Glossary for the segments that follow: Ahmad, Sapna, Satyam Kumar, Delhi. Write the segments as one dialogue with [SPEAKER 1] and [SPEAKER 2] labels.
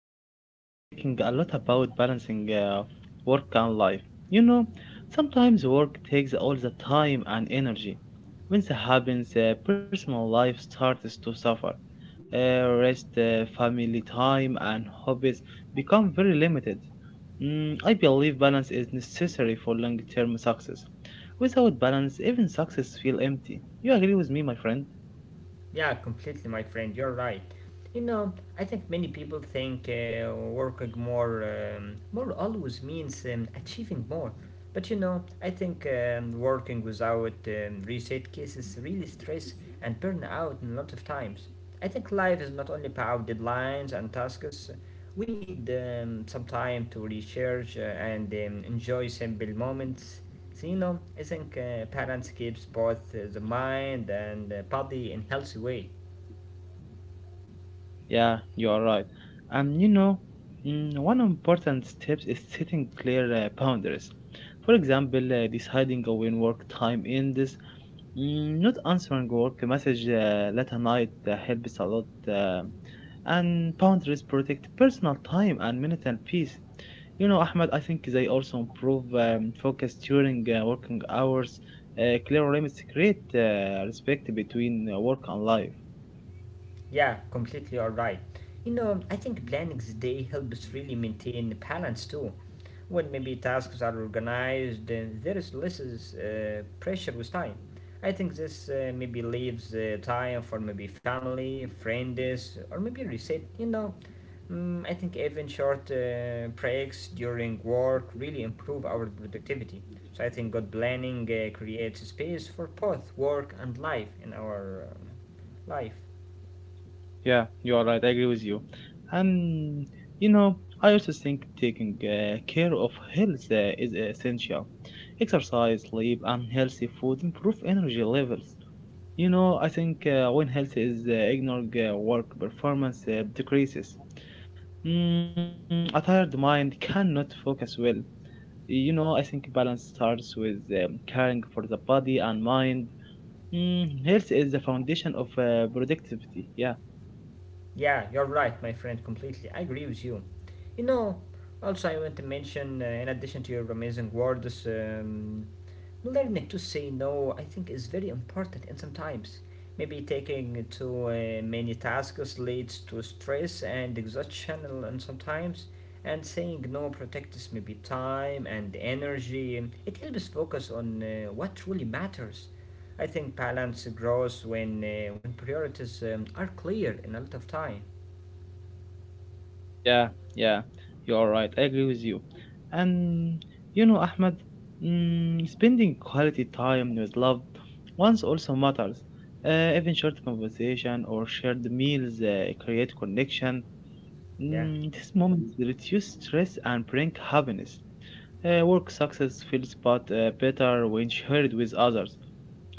[SPEAKER 1] Ahmad, I have been thinking a lot about balancing work and life. You know, sometimes work takes all the time and energy. When that happens, personal life starts to suffer. Rest, family time, and hobbies become very limited. I believe balance is necessary for long-term success. Without balance, even success feels empty. You agree with me, my friend?
[SPEAKER 2] Yeah, completely, my friend, you're right. You know, I think many people think working more always means achieving more. But you know, I think working without reset cases really stress and burn out in a lot of times. I think life is not only about deadlines and tasks. We need some time to recharge and enjoy simple moments. So, you know, I think parents keeps both the mind and body in healthy way.
[SPEAKER 1] Yeah, you are right. And you know, one important step is setting clear boundaries. For example, deciding when work time ends, not answering work message late at night helps a lot. And boundaries protect personal time and mental peace. You know, Ahmed, I think they also improve focus during working hours. Clear limits create respect between work and life.
[SPEAKER 2] Yeah, completely alright. You know, I think planning the day helps really maintain the balance too. When maybe tasks are organized, then there is less pressure with time. I think this maybe leaves time for maybe family, friends, or maybe reset. You know, mm, I think even short breaks during work really improve our productivity. So I think good planning creates space for both work and life in our life.
[SPEAKER 1] Yeah, you are right. I agree with you. And you know, I also think taking care of health is essential. Exercise, sleep, and healthy food improve energy levels. You know, I think when health is ignored, work performance decreases. A tired mind cannot focus well. You know, I think balance starts with caring for the body and mind. Health is the foundation of productivity. Yeah.
[SPEAKER 2] Yeah, you're right, my friend, completely. I agree with you. You know, also, I want to mention, in addition to your amazing words, learning to say no, I think, is very important. And sometimes, maybe taking too many tasks leads to stress and exhaustion, and sometimes, and saying no protects maybe time and energy. It helps focus on what truly matters. I think balance grows when priorities are clear in a lot of time.
[SPEAKER 1] Yeah, yeah, you are right. I agree with you. And you know, Ahmed, spending quality time with loved ones also matters. Even short conversation or shared meals create connection.
[SPEAKER 2] Yeah,
[SPEAKER 1] These moments reduce stress and bring happiness. Work success feels but better when shared with others.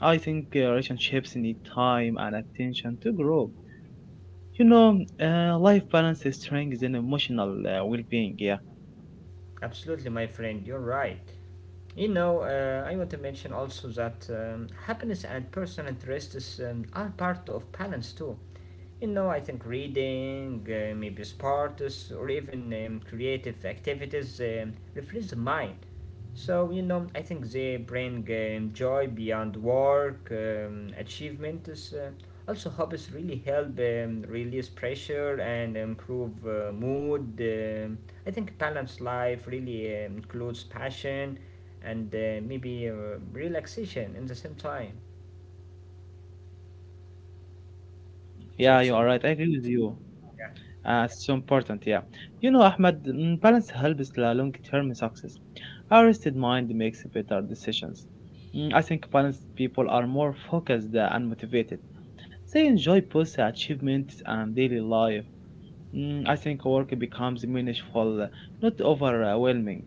[SPEAKER 1] I think relationships need time and attention to grow. You know, life balance is strength and emotional well-being. Yeah.
[SPEAKER 2] absolutely, my friend. You're right. You know, I want to mention also that happiness and personal interests are part of balance too. You know, I think reading, maybe sports, or even creative activities refresh the mind. So, you know, I think they bring joy beyond work, achievements. Also, hobbies really help release pressure and improve mood. I think balanced life really includes passion and maybe relaxation in the same time.
[SPEAKER 1] Yeah,
[SPEAKER 2] So,
[SPEAKER 1] you are
[SPEAKER 2] some,
[SPEAKER 1] right. I agree with you.
[SPEAKER 2] yeah.
[SPEAKER 1] It's so important, yeah. You know, Ahmed, balance helps the long-term success. A rested mind makes better decisions. I think balanced people are more focused and motivated. They enjoy both achievements and daily life. I think work becomes meaningful, not overwhelming.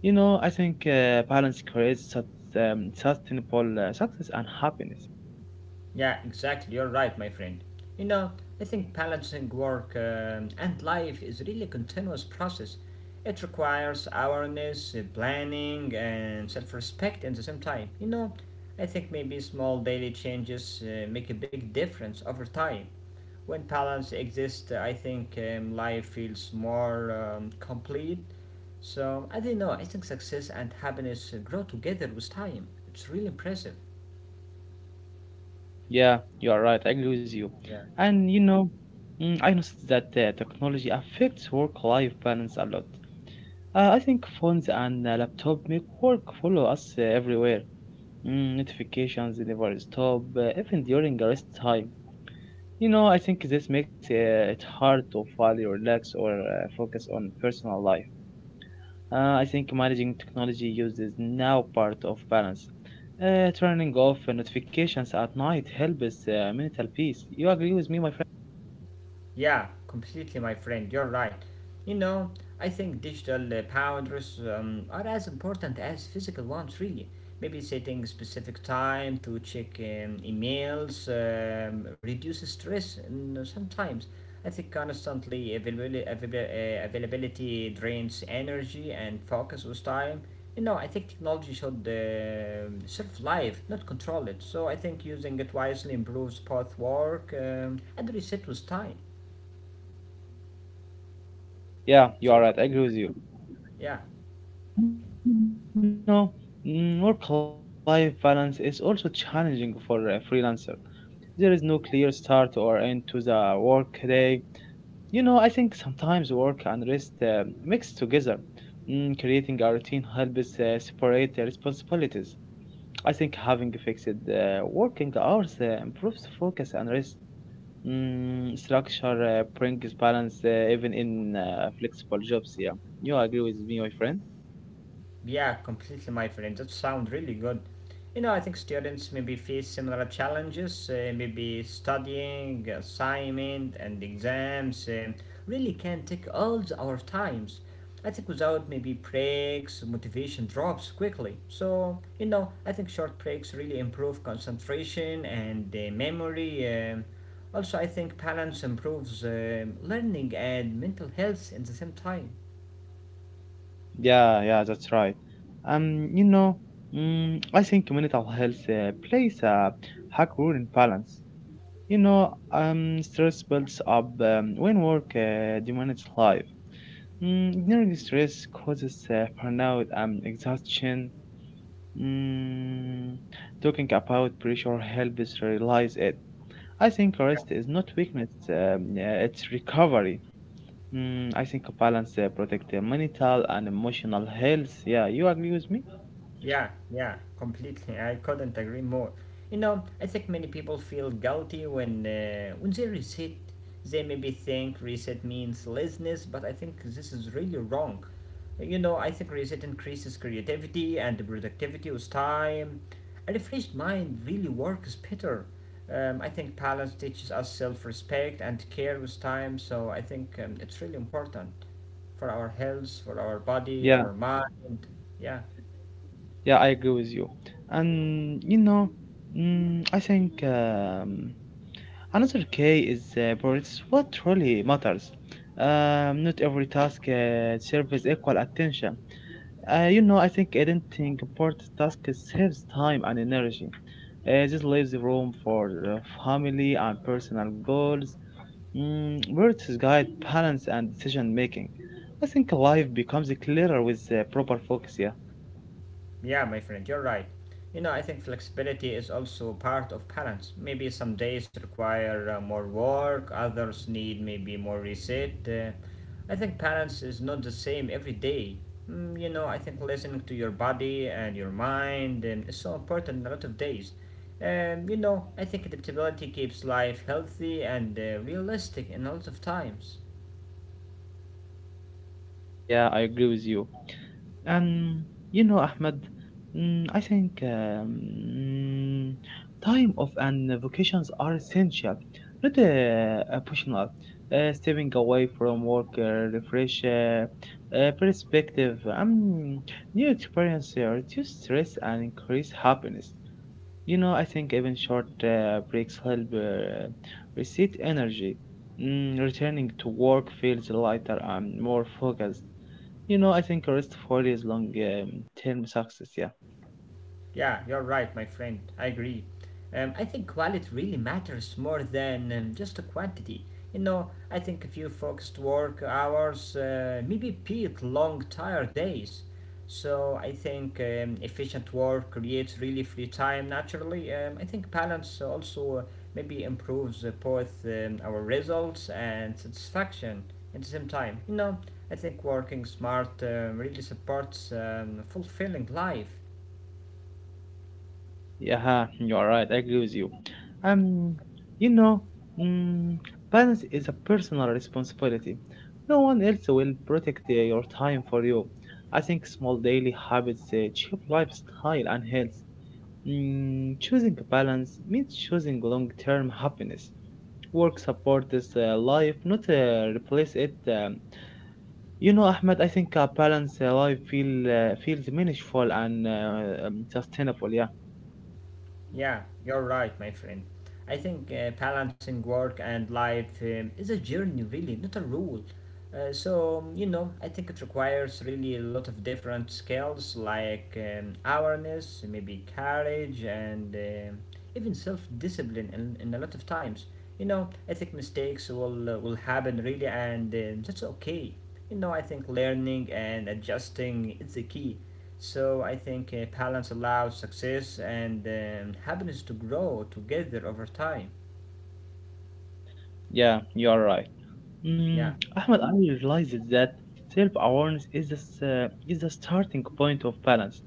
[SPEAKER 1] You know, I think balance creates sustainable success and happiness.
[SPEAKER 2] Yeah, exactly. You're right, my friend. You know, I think balancing work and life is really a continuous process. It requires awareness, planning, and self respect at the same time. You know, I think maybe small daily changes make a big difference over time. When balance exists, I think life feels more complete. So, I don't know, I think success and happiness grow together with time. It's really impressive.
[SPEAKER 1] Yeah, you are right. I agree with you.
[SPEAKER 2] Yeah.
[SPEAKER 1] And you know, I noticed that technology affects work-life balance a lot. I think phones and laptop make work follow us everywhere. Notifications never stop, even during the rest time. You know, I think this makes it hard to fully relax or focus on personal life. I think managing technology use is now part of balance. Turning off notifications at night helps mental peace. You agree with me, my friend?
[SPEAKER 2] Yeah, completely, my friend. You're right. You know, I think digital boundaries are as important as physical ones, really. Maybe setting specific time to check emails reduces stress and sometimes. I think constantly availability drains energy and focus with time. You know, I think technology should serve life, not control it. So I think using it wisely improves both work and reset with time.
[SPEAKER 1] Yeah,
[SPEAKER 2] So
[SPEAKER 1] you are right. I agree with you.
[SPEAKER 2] yeah,
[SPEAKER 1] Yeah, and you know, work-life balance is also challenging for a freelancer. There is no clear start or end to the workday. You know, I think sometimes work and rest mix together. Creating a routine helps separate the responsibilities. I think having fixed working hours improves focus and rest. Structure brings balance even in flexible jobs. Yeah, you agree with me, my friend?
[SPEAKER 2] yeah, completely, my friend. That sounds really good. You know, I think students maybe face similar challenges. Maybe studying, assignment, and exams really can take our times. I think without maybe breaks, motivation drops quickly. So you know, I think short breaks really improve concentration and memory. Also, I think balance improves learning and mental health at the same time.
[SPEAKER 1] Yeah, yeah, that's right. You know, I think mental health plays a hard role in balance. You know, stress builds up when work demands life. Ignoring stress causes burnout and exhaustion. Mm, talking about pressure helps realize it. I think rest is not weakness, yeah, it's recovery. I think balance protect the mental and emotional health. Yeah, you agree with me?
[SPEAKER 2] Yeah, yeah, completely. I couldn't agree more. You know, I think many people feel guilty when they reset. They maybe think reset means laziness, but I think this is really wrong. You know, I think reset increases creativity and productivity with time. A refreshed mind really works better. I think balance teaches us self-respect and care with time, so I think it's really important for our health, for our body,
[SPEAKER 1] Yeah,
[SPEAKER 2] our mind. Yeah.
[SPEAKER 1] yeah, I agree with you. And you know, I think another key is but it's what really matters. Not every task serves equal attention. You know, I think editing important tasks saves time and energy. Just leaves room for family and personal goals, where guide balance and decision making. I think life becomes clearer with proper focus. Yeah,
[SPEAKER 2] Yeah, my friend, you're right. You know, I think flexibility is also part of balance. Maybe some days require more work, others need maybe more reset. I think balance is not the same every day. Mm, you know, I think listening to your body and your mind is so important in a lot of days. You know, I think adaptability keeps life healthy and realistic in a lot of times.
[SPEAKER 1] yeah, I agree with you. And you know, Ahmed, mm, I think um, mm, time off and vacations are essential, not optional. Stepping away from work, refresh perspective, new experience, reduce stress and increase happiness. You know, I think even short breaks help reset energy. Returning to work feels lighter and more focused. You know, I think Rest 40 is long term success. Yeah.
[SPEAKER 2] Yeah, you're right, my friend. I agree. I think quality really matters more than just the quantity. You know, I think a few focused work hours maybe beat long, tired days. So I think efficient work creates really free time naturally. I think balance also maybe improves both our results and satisfaction at the same time. You know, I think working smart really supports fulfilling life.
[SPEAKER 1] Yeah, you are right. I agree with you. Um, you know, mm, balance is a personal responsibility. No one else will protect your time for you. I think small daily habits shape lifestyle and health. Choosing balance means choosing long term happiness. Work supports life, not replace it. You know, Ahmed, I think a balanced feels meaningful and sustainable. Yeah,
[SPEAKER 2] Yeah, you're right, my friend. I think balancing work and life is a journey, really, not a rule. So, you know, I think it requires really a lot of different skills like awareness, maybe courage, and even self discipline in a lot of times. You know, I think mistakes will happen, really, and that's okay. You know, I think learning and adjusting is the key. So I think balance allows success and happiness to grow together over time.
[SPEAKER 1] yeah, you're right.
[SPEAKER 2] Yeah,
[SPEAKER 1] Ahmed, I realized that self-awareness is is the starting point of balance.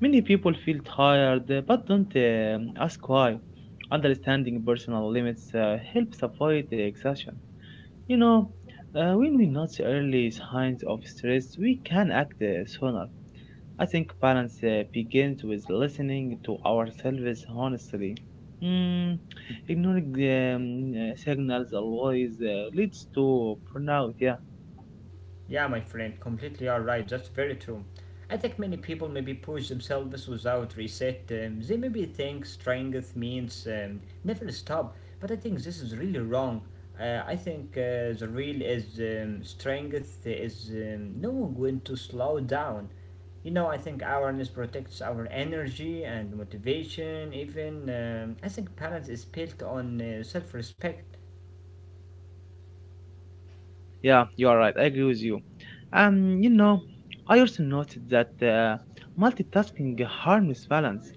[SPEAKER 1] Many people feel tired, but don't ask why. Understanding personal limits helps avoid the exhaustion. You know, when we notice early signs of stress, we can act sooner. I think balance begins with listening to ourselves honestly. Mm, ignoring the signals always leads to burnout. Yeah,
[SPEAKER 2] yeah, my friend, completely all right. That's very true. I think many people maybe push themselves without reset. They maybe think strength means never stop, but I think this is really wrong. I think the real is strength is knowing when to slow down. You know, I think awareness protects our energy and motivation, even. I think balance is built on self respect.
[SPEAKER 1] yeah, you are right. I agree with you. You know, I also noted that multitasking harms balance.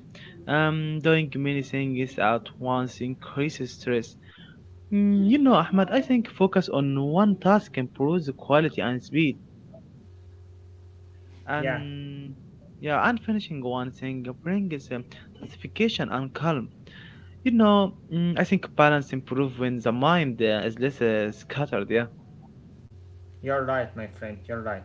[SPEAKER 1] Doing many things at once increases stress. You know, Ahmad, I think focus on one task improves quality and speed.
[SPEAKER 2] Yeah.
[SPEAKER 1] And yeah, and finishing one thing brings satisfaction and calm. You know, I think balance improves when the mind is less scattered. Yeah,
[SPEAKER 2] You're right, my friend. You're right.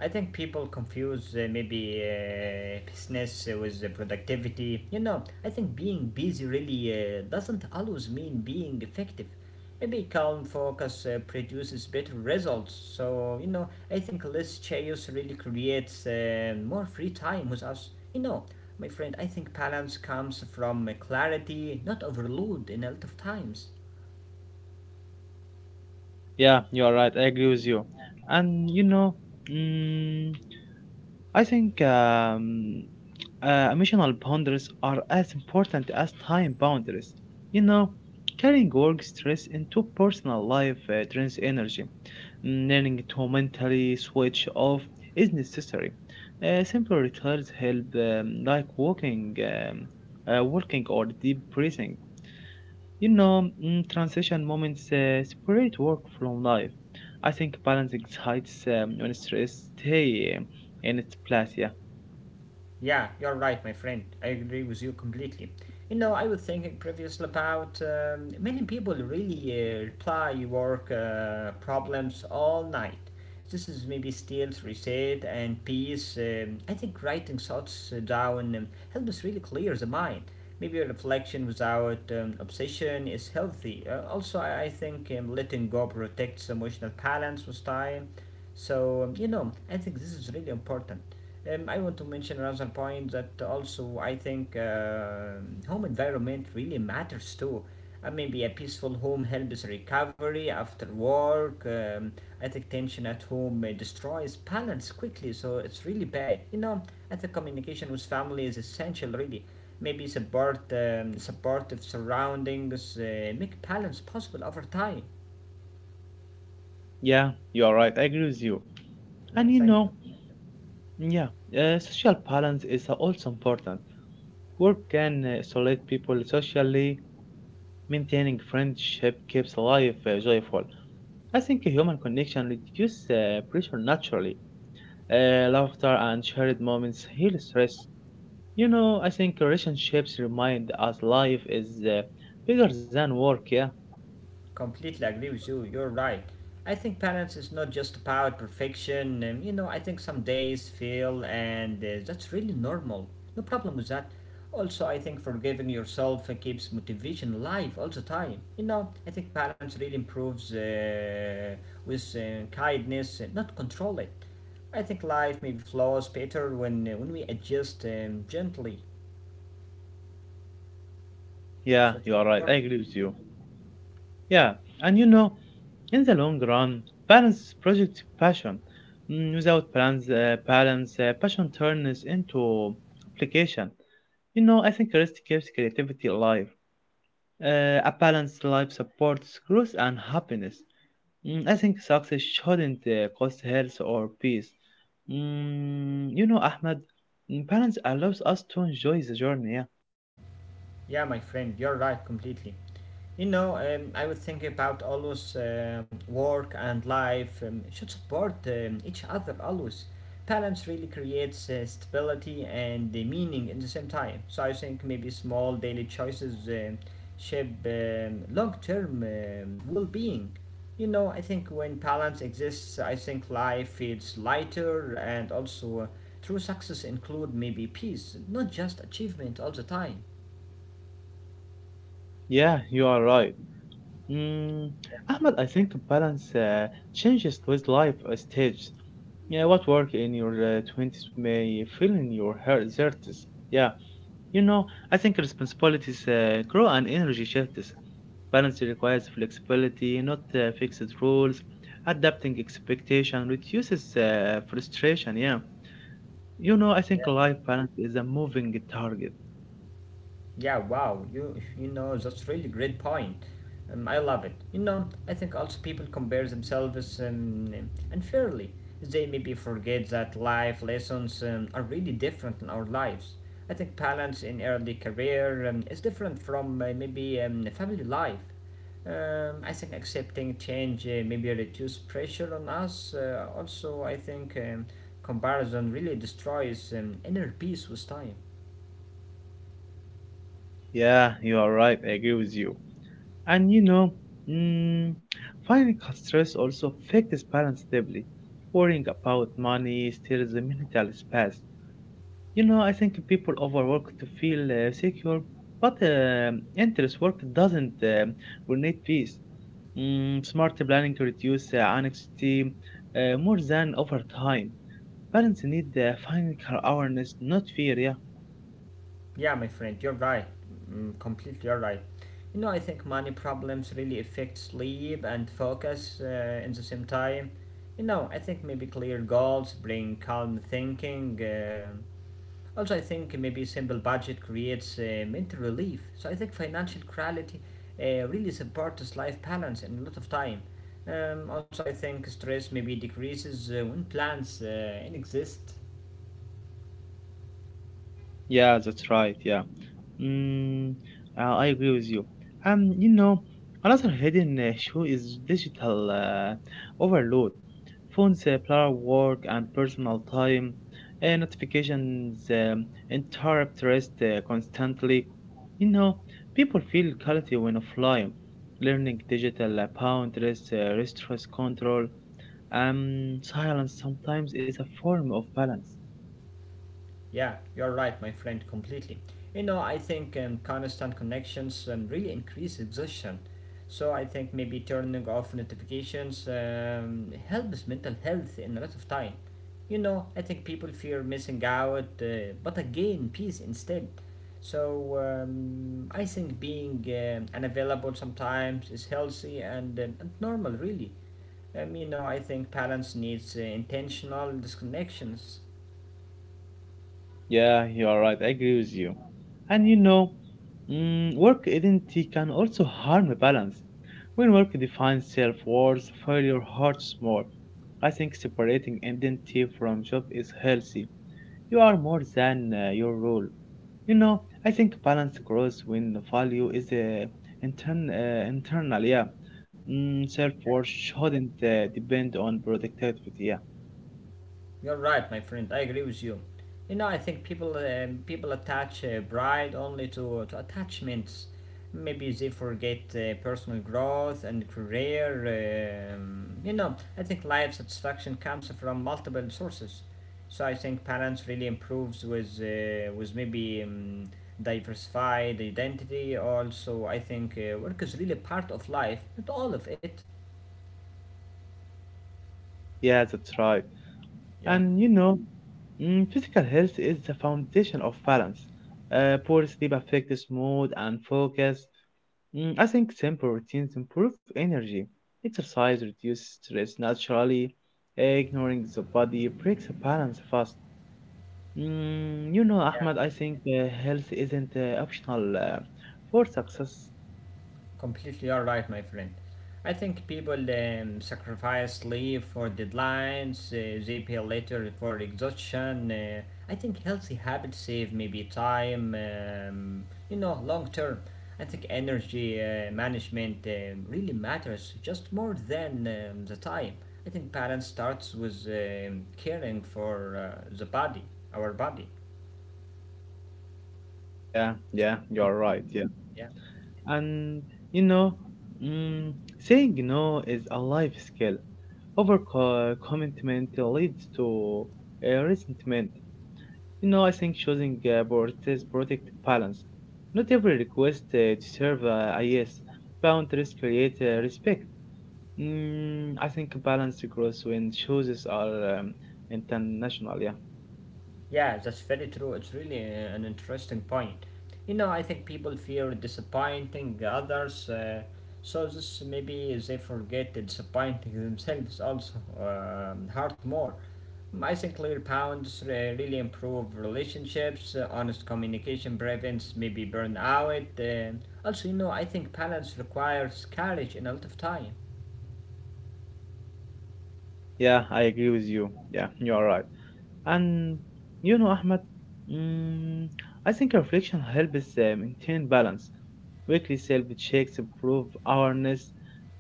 [SPEAKER 2] I think people confuse maybe business with productivity. You know, I think being busy really doesn't always mean being effective. Maybe calm focus produces better results. So, you know, I think less chaos really creates more free time with us. You know, my friend, I think balance comes from clarity, not overload in a lot of times.
[SPEAKER 1] yeah, you are right. I agree with you. And you know, mm, I think emotional boundaries are as important as time boundaries. You know, carrying work stress into personal life drains energy. Learning to mentally switch off is necessary. Simple rituals help, like walking or deep breathing. You know, transition moments separate work from life. I think balance excites when stress stay in its place. Yeah.
[SPEAKER 2] Yeah, you're right, my friend. I agree with you completely. You know, I was thinking previously about many people really reply work problems all night. This is maybe still reset and peace. I think writing thoughts down helps really clear the mind. Maybe reflection without obsession is healthy. Also, I think letting go protects emotional balance with time. So, you know, I think this is really important. I want to mention another point that also I think home environment really matters too. Maybe a peaceful home helps recovery after work. I think tension at home destroys balance quickly, so it's really bad. You know, I think communication with family is essential, really. Maybe supportive surroundings make balance possible over time.
[SPEAKER 1] Yeah, you are right. I agree with you.
[SPEAKER 2] Yeah,
[SPEAKER 1] And you
[SPEAKER 2] thank you.
[SPEAKER 1] know, yeah, social balance is also important. Work can isolate people socially. Maintaining friendship keeps life joyful. I think human connection reduces pressure naturally. Laughter and shared moments heal stress. You know, I think relationships remind us life is bigger than work, yeah?
[SPEAKER 2] Completely agree with you. You're right. I think balance is not just about perfection. You know, I think some days fail, and that's really normal. No problem with that. Also, I think forgiving yourself keeps motivation alive all the time. You know, I think balance really improves with kindness, not control it. I think life maybe flows better when we adjust gently.
[SPEAKER 1] Yeah, you
[SPEAKER 2] So
[SPEAKER 1] are
[SPEAKER 2] it's
[SPEAKER 1] right. I
[SPEAKER 2] important.
[SPEAKER 1] agree with you. Yeah, and you know, in the long run, balance project passion. Without plans, passion turns into application. You know, I think rest keeps creativity alive. Uh, a balanced life supports growth and happiness. I think success shouldn't cost health or peace. You know, Ahmed, balance allows us to enjoy the journey. Yeah,
[SPEAKER 2] Yeah, my friend, you're right completely. You know, I was thinking about always work and life should support each other always. Balance really creates stability and meaning in the same time. So I think maybe small daily choices shape long-term well-being. You know, I think when balance exists, I think life feels lighter and also true success include maybe peace, not just achievement all the time.
[SPEAKER 1] yeah, you are right. Mm,
[SPEAKER 2] Yeah.
[SPEAKER 1] Ahmed, I think balance changes with life stage. Yeah, what work in your 20s may feel in your 30s. Yeah, you know, I think responsibilities grow and energy shifts. Balance requires flexibility, not fixed rules. Adapting expectation reduces frustration. Yeah, you know, I think life balance is a moving target.
[SPEAKER 2] Yeah, wow, you know that's really great point. I love it. You know, I think also people compare themselves unfairly. They maybe forget that life lessons are really different in our lives. I think balance in early career is different from maybe family life. I think accepting change maybe reduce pressure on us. Also, I think comparison really destroys inner peace with time.
[SPEAKER 1] Yeah, you are right. I agree with you. And you know, mm, financial stress also affects balance deeply. Worrying about money steals the mental space. You know, I think people overwork to feel secure, but endless work doesn't need peace. Smart planning to reduce anxiety more than over time. Parents need financial awareness, not fear. Yeah,
[SPEAKER 2] Yeah, my friend, you're right. Mm, completely, you're right. You know, I think money problems really affect sleep and focus in the same time. You know, I think maybe clear goals bring calm thinking. Also, I think maybe simple budget creates mental relief. So I think financial clarity really supports life balance and a lot of time. Also, I think stress maybe decreases when plans exist.
[SPEAKER 1] yeah, that's right. Yeah. Mm, I agree with you. You know, another hidden issue is digital overload. Phones blur work and personal time. Notifications interrupt rest constantly. You know, people feel guilty when offline. Learning digital boundaries restores control. Silence sometimes is a form of balance.
[SPEAKER 2] Yeah, you're right, my friend, completely. You know, I think constant connections really increase exhaustion. So I think maybe turning off notifications helps mental health in a lot of time. You know, I think people fear missing out, but again, peace instead. So I think being unavailable sometimes is healthy and normal, really. You know, I think parents needs intentional disconnections.
[SPEAKER 1] Yeah, you are right. I agree with you. And you know, work identity can also harm a balance. When work defines self worth, failure hurts more. I think separating identity from job is healthy. You are more than your role. You know, I think balance grows when the value is internal. Yeah, self worth shouldn't depend on productivity. Yeah,
[SPEAKER 2] You're right, my friend. I agree with you. You know, I think people attach pride only to attachments. Maybe they forget personal growth and career. You know, I think life satisfaction comes from multiple sources. So I think balance really improves with maybe diversified identity. Also, I think work is really part of life, not all of it.
[SPEAKER 1] yeah, that's right.
[SPEAKER 2] Yeah.
[SPEAKER 1] And you know, physical health is the foundation of balance. Poor sleep affects mood and focus. I think simple routines improve energy. Exercise reduces stress naturally. Ignoring the body breaks the balance fast. You know, Ahmad, I think health isn't optional for success.
[SPEAKER 2] Completely alright, my friend. I think people sacrifice sleep for deadlines, they pay later for exhaustion. I think healthy habits save maybe time, you know, long term. I think energy management really matters just more than the time. I think balance starts with caring for the body, our body.
[SPEAKER 1] Yeah, yeah, you're right. Yeah.
[SPEAKER 2] Yeah.
[SPEAKER 1] And you know, mm, saying no is a life skill. Overcommitment leads to resentment. You know, I think choosing priorities protect balance. Not every request deserves a yes. Boundaries create respect. I think balance grows when choices are international. Yeah,
[SPEAKER 2] Yeah, that's very true. It's really an interesting point. You know, I think people fear disappointing others, so this maybe they forget disappointing themselves also hurt more. Mm, I think clear bounds really improve relationships. Honest communication prevents maybe burnout. Also, you know, I think balance requires courage and a lot of time.
[SPEAKER 1] yeah, I agree with you. Yeah, you are right. And you know, Ahmed, mm, I think reflection helps maintain balance. Weekly self checks improve awareness,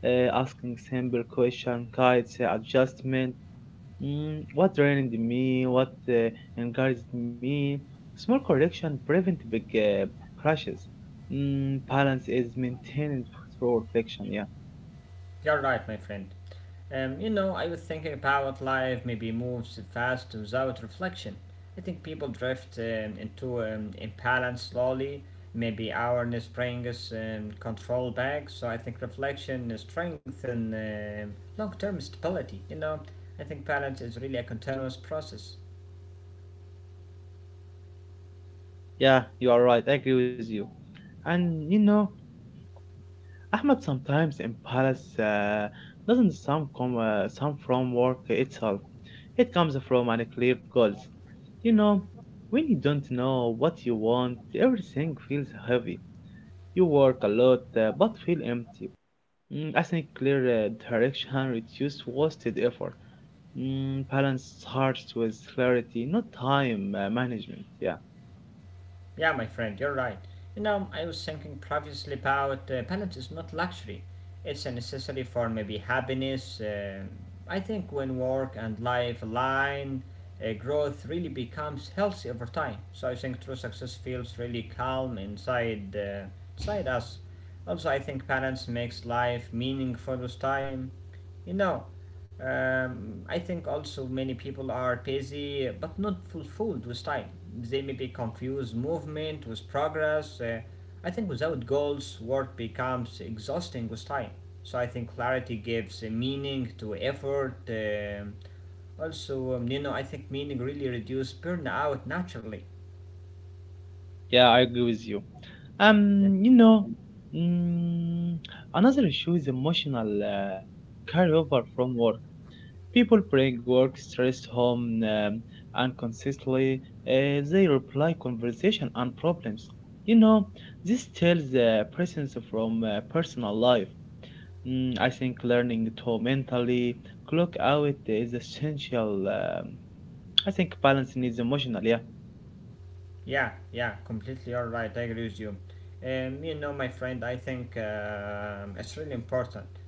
[SPEAKER 1] asking simple question guides adjustment. What drained me? What encouraged me? Small correction prevent big crashes. Balance is maintained through reflection. Yeah,
[SPEAKER 2] You're right, my friend. You know, I was thinking about life maybe moves fast without reflection. I think people drift into imbalance slowly. Maybe awareness brings control back. So I think reflection strengthens long-term stability. You know, I think balance is really a continuous process.
[SPEAKER 1] yeah, you are right. I agree with you. And you know, Ahmed, sometimes impatience doesn't some from work itself. It comes from unclear goals. You know, when you don't know what you want, everything feels heavy. You work a lot but feel empty. I think clear direction reduces wasted effort. Balance starts with clarity, not time management. Yeah,
[SPEAKER 2] Yeah, my friend, you're right. You know, I was thinking previously about balance is not luxury. It's a necessity for maybe happiness. Um, I think when work and life align, growth really becomes healthy over time. So I think true success feels really calm inside, inside us. Also, I think balance makes life meaningful with time. You know, I think also many people are busy but not fulfilled with time. They maybe confuse movement with progress. I think without goals, work becomes exhausting with time. So I think clarity gives a meaning to effort. Also, you know, I think meaning really reduces burnout naturally.
[SPEAKER 1] yeah, I agree with you.
[SPEAKER 2] Yeah.
[SPEAKER 1] You know, mm, another issue is emotional carryover from work. People bring work stress home and consistently they reply conversation and problems. You know, this tells presence from personal life. I think learning to mentally clock out is essential. I think balance needs emotional, yeah.
[SPEAKER 2] Yeah, yeah, completely all right. I agree with you. You know, my friend, I think it's really important.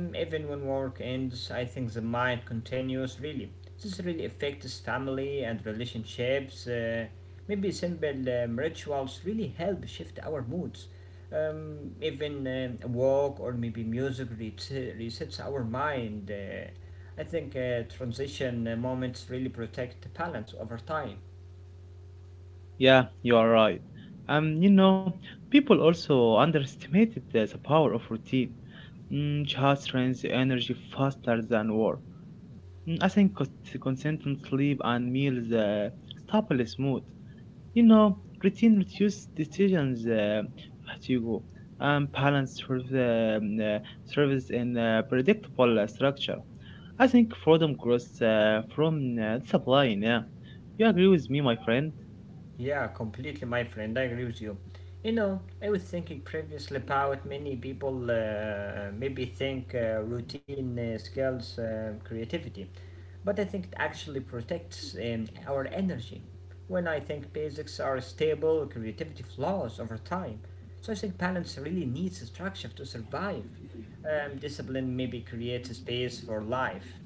[SPEAKER 2] Even when work ends, I think the mind continues. Really, this really affects family and relationships. Maybe simple rituals really help shift our moods. Even a walk or maybe music resets our mind. I think transition moments really protect balance over time.
[SPEAKER 1] Yeah, you are right. You know, people also underestimated the power of routine. Mm, just drains the energy faster than war. I think consistent sleep and meals stabilize mood. You know, routine reduces decisions fatigue and balance for the service in predictable structure. I think freedom grows from discipline. Yeah, you agree with me, my friend?
[SPEAKER 2] Yeah, completely, my friend. I agree with you. You know, I was thinking previously about many people maybe think routine skills creativity, but I think it actually protects our energy. When I think basics are stable, creativity flows over time. So I think balance really needs structure to survive. Discipline maybe creates a space for life.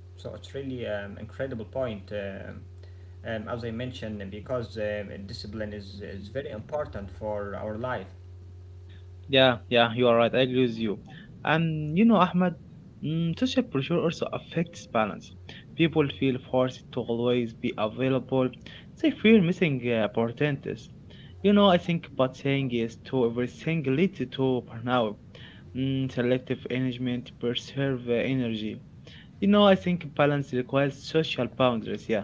[SPEAKER 2] So it's really an incredible point. Um, as I mentioned, because discipline is very important for our life.
[SPEAKER 1] Yeah, yeah, you are right. I agree with you. And you know, Ahmed, social pressure also affects balance. People feel forced to always be available. They fear missing opportunities. You know, I think but saying yes to everything leads to burnout. Selective engagement preserve energy. You know, I think balance requires social boundaries. Yeah,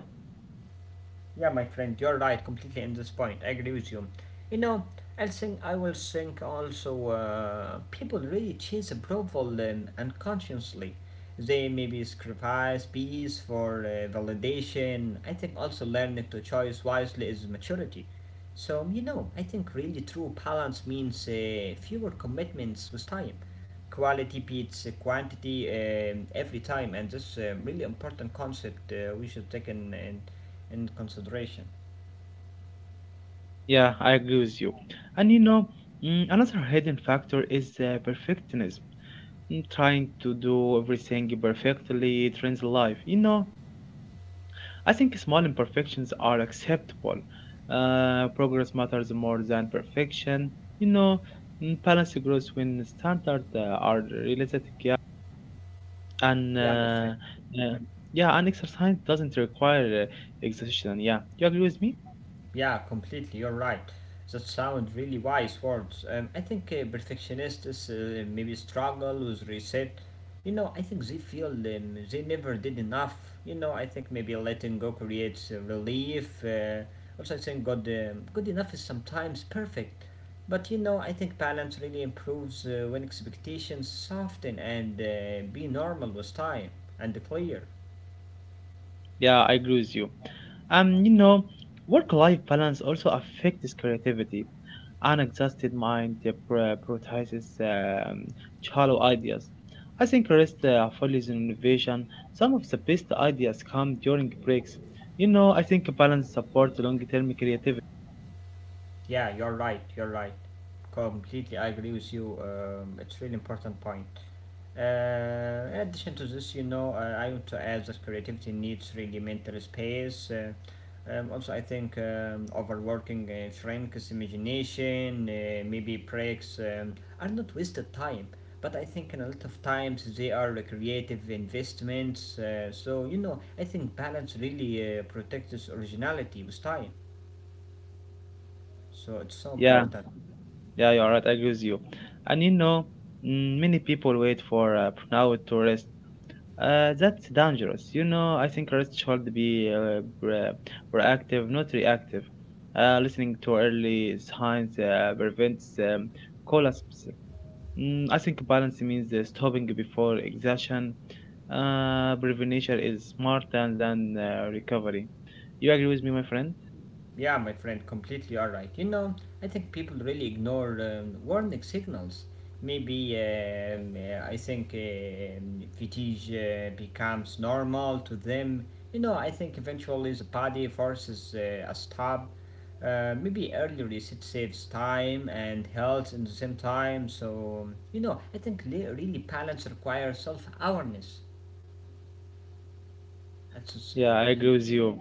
[SPEAKER 2] Yeah, my friend, you're right completely in this point. I agree with you. You know, I think I will think also people really chase approval unconsciously. They maybe sacrifice peace for validation. I think also learning to choose wisely is maturity. So, you know, I think really true balance means fewer commitments with time. Quality beats quantity every time, and this is a really important concept we should take in into consideration.
[SPEAKER 1] yeah, I agree with you. And you know, another hidden factor is perfectionism. Trying to do everything perfectly trains life. You know, I think small imperfections are acceptable. Progress matters more than perfection. You know, balance grows when standards are realistic. Yeah, and
[SPEAKER 2] Yeah, my friend.
[SPEAKER 1] uh, yeah, and exercise doesn't require exhaustion. Yeah, you agree with me?
[SPEAKER 2] Yeah, completely. You're right. That sound really wise words. I think perfectionists maybe struggle with reset. You know, I think they feel they never did enough. You know, I think maybe letting go creates relief. Also, I think good, good enough is sometimes perfect. But you know, I think balance really improves when expectations soften and be normal with time and clear.
[SPEAKER 1] Yeah, I agree with you. You know, work-life balance also affects creativity. An exhausted mind prioritizes shallow ideas. I think rest follows in innovation. Some of the best ideas come during breaks. You know, I think balance supports long-term creativity.
[SPEAKER 2] Yeah, you're right. You're right. Completely, I agree with you. It's really important point. In addition to this, you know, I want to add that creativity needs really mental space. Also, I think overworking shrinks imagination. Maybe breaks are not wasted time, but I think in a lot of times they are creative investments. So you know, I think balance really protects originality with time. So it's so
[SPEAKER 1] Yeah,
[SPEAKER 2] important.
[SPEAKER 1] yeah, you're right. I agree with you. And you know, many people wait for now to rest. That's dangerous. You know, I think artists should be proactive, not reactive. Listening to early signs prevents collapse. I think balance means stopping before exhaustion. Prevention is smarter than recovery. You agree with me, my friend?
[SPEAKER 2] Yeah, my friend, completely alright. You know, I think people really ignore warning signals. Maybe I think fatigue becomes normal to them. You know, I think eventually the body forces a stop. Maybe early reset saves time and health in the same time. So, you know, I think really balance requires self awareness. That's just,
[SPEAKER 1] Yeah, I agree
[SPEAKER 2] re-
[SPEAKER 1] with you.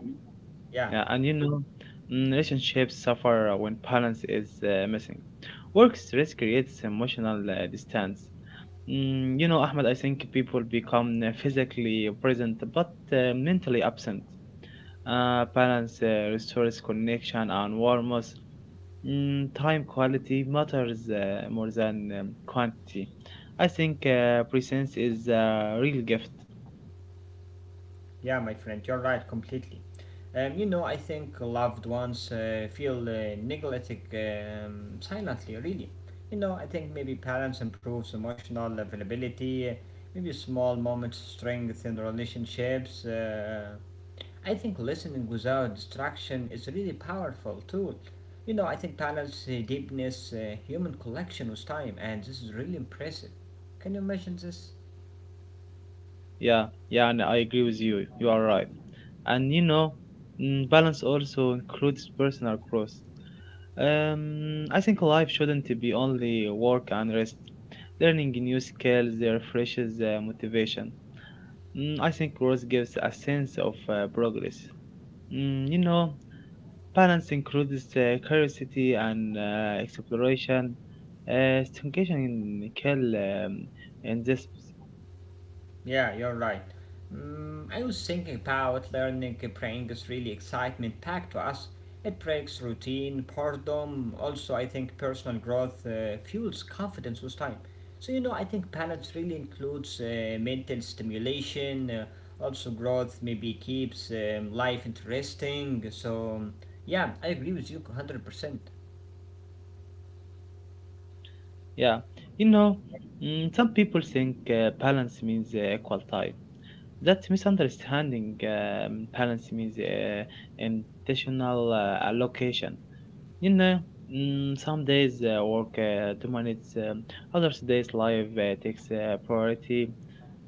[SPEAKER 2] yeah.
[SPEAKER 1] Yeah, and you know, relationships suffer when balance is missing. Work stress creates emotional distance. You know, Ahmed, I think people become physically present but mentally absent. Balance restores connection and warmth. Time quality matters more than quantity. I think presence is a real gift.
[SPEAKER 2] Yeah, my friend, you're right completely. You know, I think loved ones feel neglected silently, really. You know, I think maybe balance improves emotional availability, maybe small moments strengthen relationships. I think listening without distraction is a really powerful tool. You know, I think balance, deepness, human connection with time, and this is really impressive. Can you imagine this?
[SPEAKER 1] Yeah, yeah, and I agree with you. You are right. And you know, balance also includes personal growth. I think life shouldn't be only work and rest. Learning new skills refreshes motivation. I think growth gives a sense of progress. You know, balance includes curiosity and exploration. Stagnation kill and this,
[SPEAKER 2] Yeah, you're right. Mm, I was thinking about learning brings really excitement back to us. It breaks routine, boredom. Also, I think personal growth fuels confidence with time. So, you know, I think balance really includes mental stimulation. Also, growth maybe keeps life interesting. So, yeah, I agree with you 100%.
[SPEAKER 1] yeah. You know, some people think balance means equal time. That misunderstanding balance means intentional allocation. You know, some days work dominates, other days life takes priority.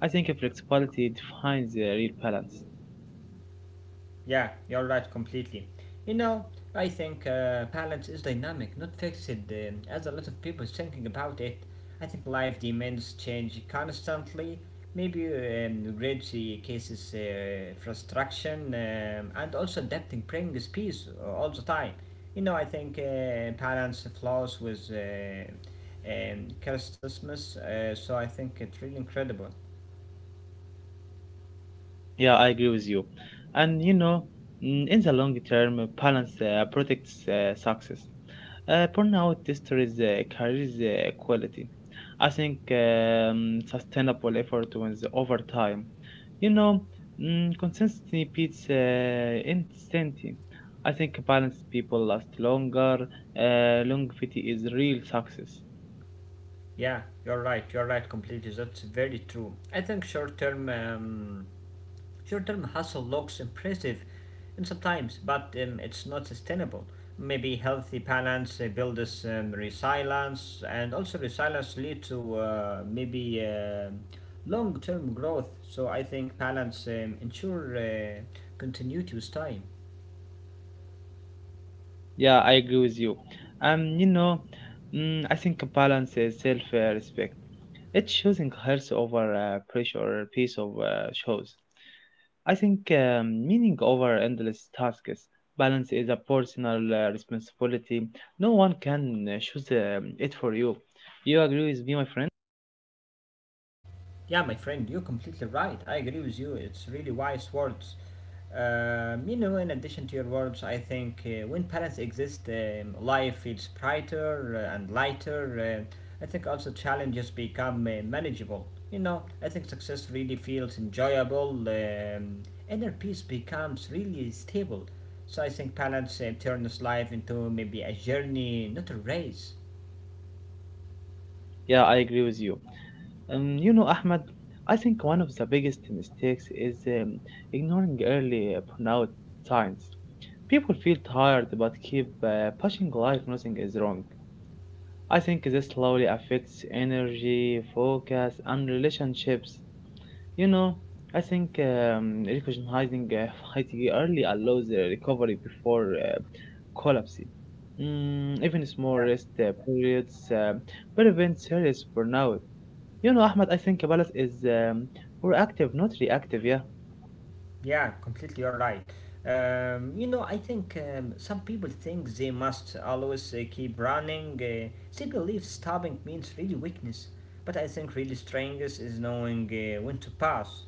[SPEAKER 1] I think flexibility defines real balance.
[SPEAKER 2] Yeah, you're right completely. You know, I think balance is dynamic, not fixed, as a lot of people is thinking about it. I think life demands change constantly. Maybe read the cases frustration and also adapting brings peace all the time. You know, I think balance flows with Christmas, so I think it's really incredible.
[SPEAKER 1] Yeah, I agree with you. And you know, in the long term, balance protects success. Burnout destroys the career's quality. I think sustainable effort wins over time. You know, consistency beats intensity. I think balanced people last longer. Longevity is real success.
[SPEAKER 2] Yeah, you're right. You're right completely. That's very true. I think short-term short-term hustle looks impressive, and sometimes, but it's not sustainable. Maybe healthy balance builds resilience, and also resilience lead to maybe long-term growth. So I think balance ensure continuity with time.
[SPEAKER 1] Yeah, I agree with you. You know, I think balance is self-respect. It's choosing health over pressure or piece of shows. I think meaning over endless tasks. Balance is a personal responsibility. No one can choose it for you. You agree with me, my friend?
[SPEAKER 2] Yeah, my friend, you're completely right. I agree with you. It's really wise words. You know, in addition to your words, I think when parents exist, life feels brighter and lighter. I think also challenges become manageable. You know, I think success really feels enjoyable. Inner peace becomes really stable. So I think parents turn this life into maybe a journey, not a race.
[SPEAKER 1] Yeah, I agree with you. You know, Ahmed, I think one of the biggest mistakes is ignoring early burnout signs. People feel tired but keep pushing life, nothing is wrong. I think this slowly affects energy, focus, and relationships. You know, I think recognizing fatigue early allows recovery before collapse. Even small rest periods prevent serious burnout. You know, Ahmed, I think balance is proactive, not reactive. Yeah,
[SPEAKER 2] Yeah, completely you're right. You know, I think some people think they must always keep running. They believe stopping means really weakness. But I think really strength is knowing when to pass.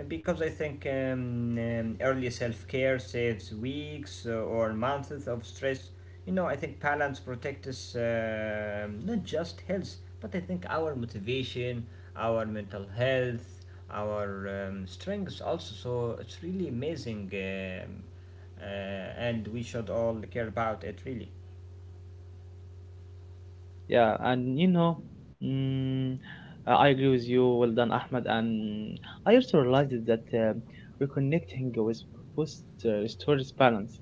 [SPEAKER 2] Because I think early self care saves weeks or months of stress. You know, I think balance protects us, not just health, but I think our motivation, our mental health, our strengths also. So it's really amazing, and we should all care about it, really.
[SPEAKER 1] yeah, and you know, mm, I agree with you. Well done, Ahmed. And I also realized that reconnecting with purpose restores balance.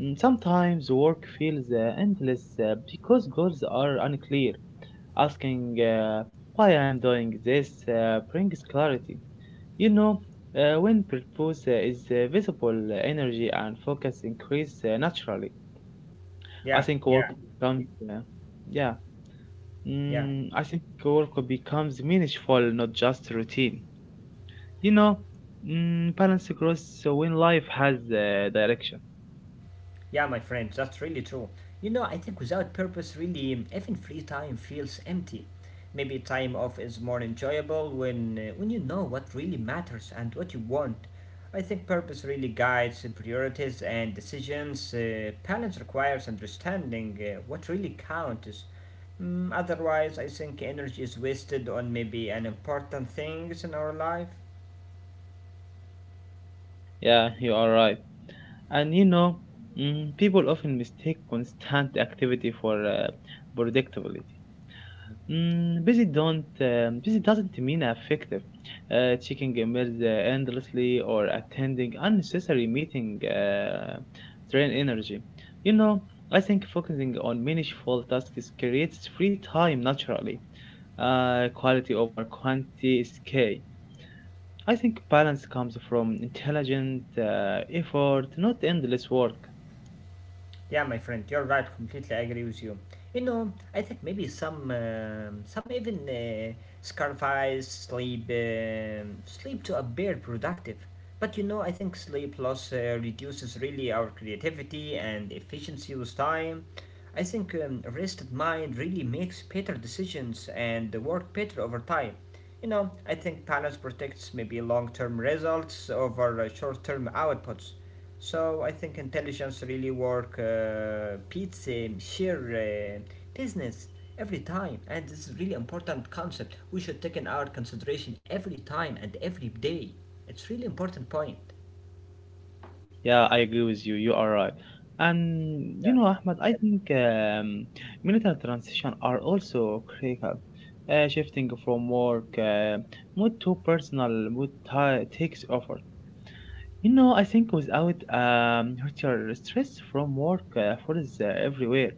[SPEAKER 1] Mm, sometimes work feels endless because goals are unclear. Asking why I'm doing this brings clarity. You know, when purpose is visible, energy and focus increase naturally. I
[SPEAKER 2] Yeah,
[SPEAKER 1] think work
[SPEAKER 2] yeah,
[SPEAKER 1] becomes, yeah,
[SPEAKER 2] yeah.
[SPEAKER 1] I think work becomes meaningful, not just routine. You know, balance grows when life has direction.
[SPEAKER 2] Yeah, my friend, that's really true. You know, I think without purpose, really, even free time feels empty. Maybe time off is more enjoyable when you know what really matters and what you want. I think purpose really guides the priorities and decisions. Balance requires understanding what really counts. Mm, otherwise, I think energy is wasted on maybe unimportant things in our life.
[SPEAKER 1] Yeah, you are right. And you know, people often mistake constant activity for predictability. Busy don't busy doesn't mean effective. Checking emails endlessly or attending unnecessary meeting drain energy. You know, I think focusing on meaningful tasks creates free time naturally. Quality over quantity is key. I think balance comes from intelligent effort, not endless work.
[SPEAKER 2] Yeah, my friend, you're right. Completely agree with you. You know, I think maybe some even sacrifice sleep, sleep to appear productive. But you know, I think sleep loss reduces really our creativity and efficiency with time. I think a rested mind really makes better decisions and work better over time. You know, I think balance protects maybe long-term results over short-term outputs. So I think intelligence really work beats sheer business every time, and this is really important concept we should take in our consideration every time and every day. It's really important point.
[SPEAKER 1] Yeah, I agree with you. You are right. And
[SPEAKER 2] Yeah.
[SPEAKER 1] you know, Ahmed, I think military transition are also critical. Shifting from work mood to personal mood ti takes effort. You know, I think without your stress from work, food is everywhere.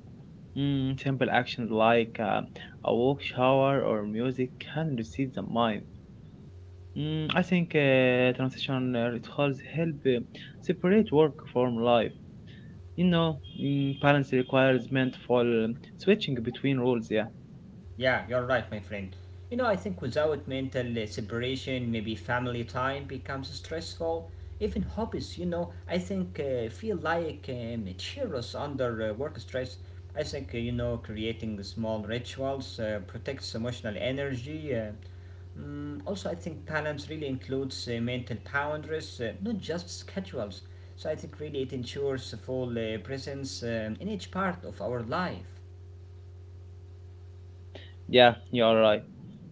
[SPEAKER 1] Simple actions like a walk, shower, or music can receive the mind. I think transition rituals help separate work from life. You know, balance requires mindful switching between roles. Yeah,
[SPEAKER 2] Yeah, you're right, my friend. You know, I think without mental separation, maybe family time becomes stressful. Even hobbies, you know, I think feel like cheerless under work stress. I think, you know, creating small rituals protects emotional energy. Mm, also, I think balance really includes mental boundaries, not just schedules. So I think really it ensures full presence in each part of our life.
[SPEAKER 1] yeah, you are right.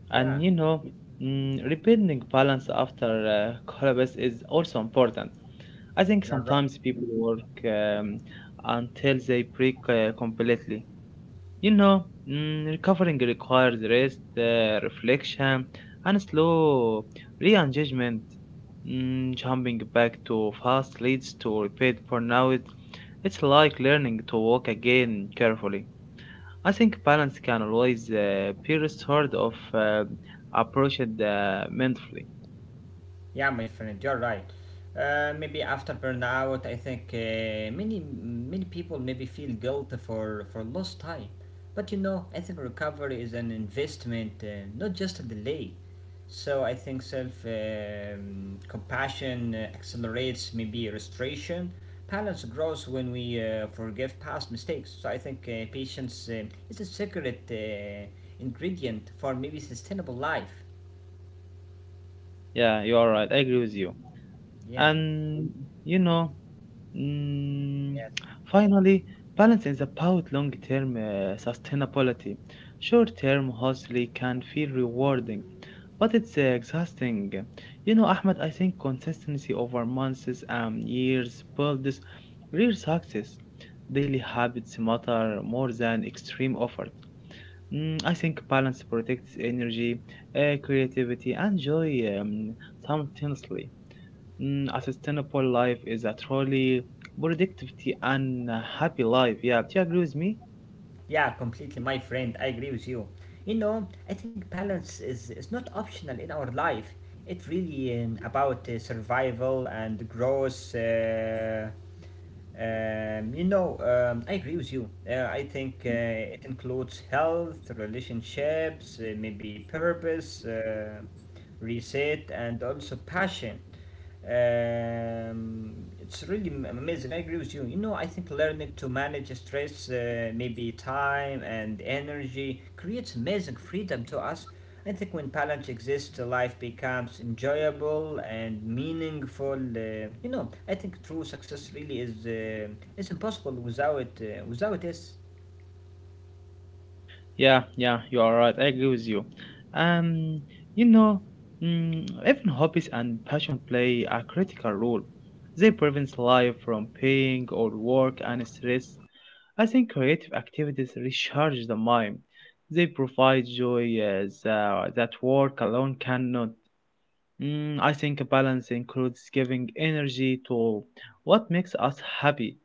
[SPEAKER 2] Yeah,
[SPEAKER 1] And you know, rebuilding balance after collapse is also important. I think
[SPEAKER 2] you're right.
[SPEAKER 1] sometimes people work until they break completely. You know, recovering requires rest, reflection, and slow re-engagement. Jumping back too fast leads to repeat burnout. It's like learning to walk again carefully. I think balance can always be restored of approached mentally.
[SPEAKER 2] Yeah, my friend, you're right. Maybe after burnout, I think many people maybe feel guilt for lost time. But you know, I think recovery is an investment, not just a delay. So I think self compassion accelerates maybe restoration. Balance grows when we forgive past mistakes. So I think patience is a secret ingredient for maybe sustainable life.
[SPEAKER 1] Yeah, you are right. I agree with you.
[SPEAKER 2] Yeah.
[SPEAKER 1] And you know, mm, finally, balance is about long term sustainability. Short term hustling can feel rewarding, but it's exhausting. You know, Ahmed, I think consistency over months and years builds real success. Daily habits matter more than extreme effort. I think balance protects energy, creativity, and joy simultaneously. A sustainable life is a truly productivity and a happy life. Yeah, do you agree with me?
[SPEAKER 2] Yeah, completely, my friend. I agree with you. You know, I think balance is not optional in our life. It really about survival and growth. You know, I agree with you. I think it includes health, relationships, maybe purpose, reset, and also passion. It's really amazing. I agree with you. You know, I think learning to manage stress, maybe time and energy, creates amazing freedom to us. I think when balance exists, life becomes enjoyable and meaningful. You know, I think true success really is impossible without this.
[SPEAKER 1] Yeah, yeah, you are right. I agree with you. Um, you know, even hobbies and passion play a critical role. They prevent life from pain or work and stress. I think creative activities recharge the mind. They provide joy as, that work alone cannot. I think balance includes giving energy to what makes us happy.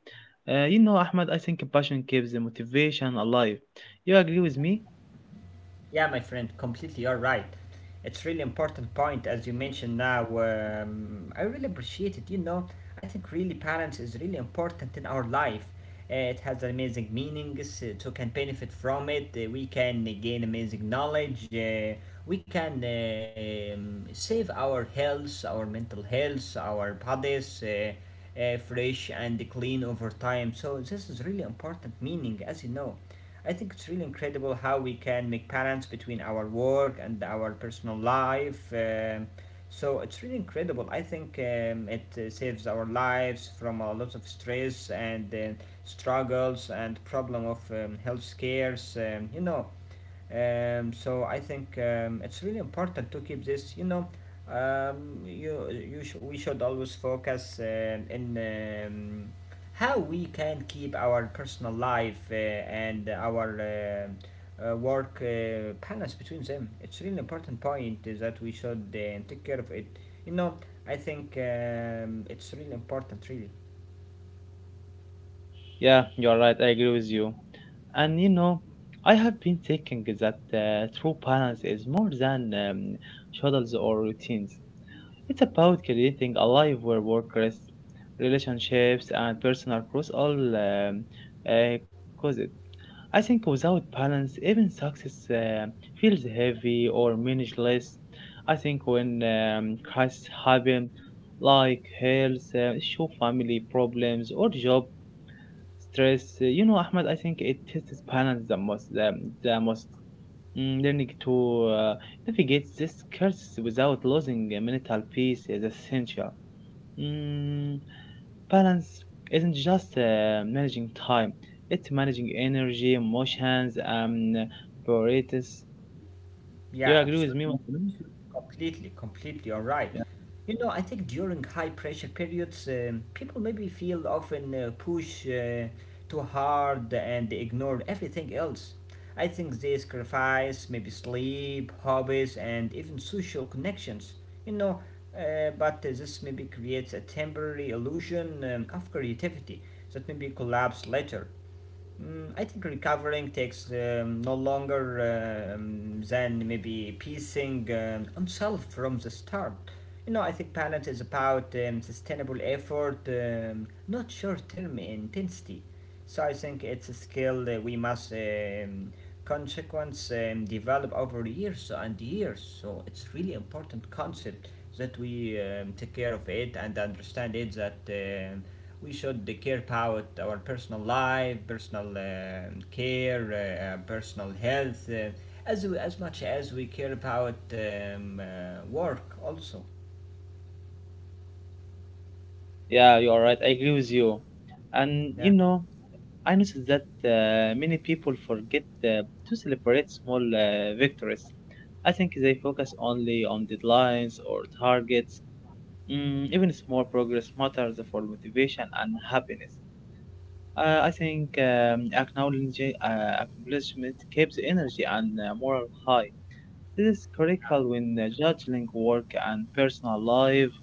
[SPEAKER 1] You know, Ahmad, I think passion keeps the motivation alive. You agree with me?
[SPEAKER 2] Yeah, my friend, completely. You're right. It's really important point as you mentioned now. I really appreciate it. You know, I think really balance is really important in our life. It has amazing meanings. So can benefit from it. We can gain amazing knowledge. We can save our health, our mental health, our bodies. Fresh and clean over time, so this is really important meaning as you know, I think it's really incredible how we can make balance between our work and our personal life. So it's really incredible. I think it saves our lives from a lot of stress and struggles and problem of health scares. You know, so I think it's really important to keep this. You know, we should always focus in how we can keep our personal life and our um work balance between them. It's really important point is that we should take care of it. You know, I think it's really important. Really,
[SPEAKER 1] Yeah, you're right. I agree with you. And you know, I have been thinking that true balance is more than schedules or routines. It's about creating a life where work, rest, relationships, and personal growth all uh, cause it. I think without balance, even success feels heavy or meaningless. I think when crises happen, like health issue, family problems, or job stress, you know, Ahmed, I think it tests balance the most. The most. Learning to navigate this curse without losing mental peace is essential. Mm, balance isn't just managing time; it's managing energy, emotions, and priorities. You
[SPEAKER 2] yeah,
[SPEAKER 1] agree with me,
[SPEAKER 2] absolutely.
[SPEAKER 1] Muslim?
[SPEAKER 2] Completely, completely, all right.
[SPEAKER 1] Yeah,
[SPEAKER 2] You know, I think during high pressure periods, people maybe feel often push too hard and they ignore everything else. I think they sacrifice maybe sleep, hobbies, and even social connections. You know, but this maybe creates a temporary illusion of creativity that maybe collapse later. I think recovering takes no longer than maybe piecing oneself from the start. You know, I think balance is about sustainable effort, not short term intensity. So I think it's a skill that we must consequence develop over years, and years. So it's really important concept that we take care of it and understand it, that we should care about our personal life, personal care, personal health, as much as we care about work also.
[SPEAKER 1] yeah, you are right. I agree with you. And you
[SPEAKER 2] Yeah.
[SPEAKER 1] know, I noticed that many people forget to celebrate small victories. I think they focus only on deadlines or targets. Mm, even small progress matters for motivation and happiness. I think acknowledging accomplishment keeps energy and morale high. This is critical when judging work and personal life.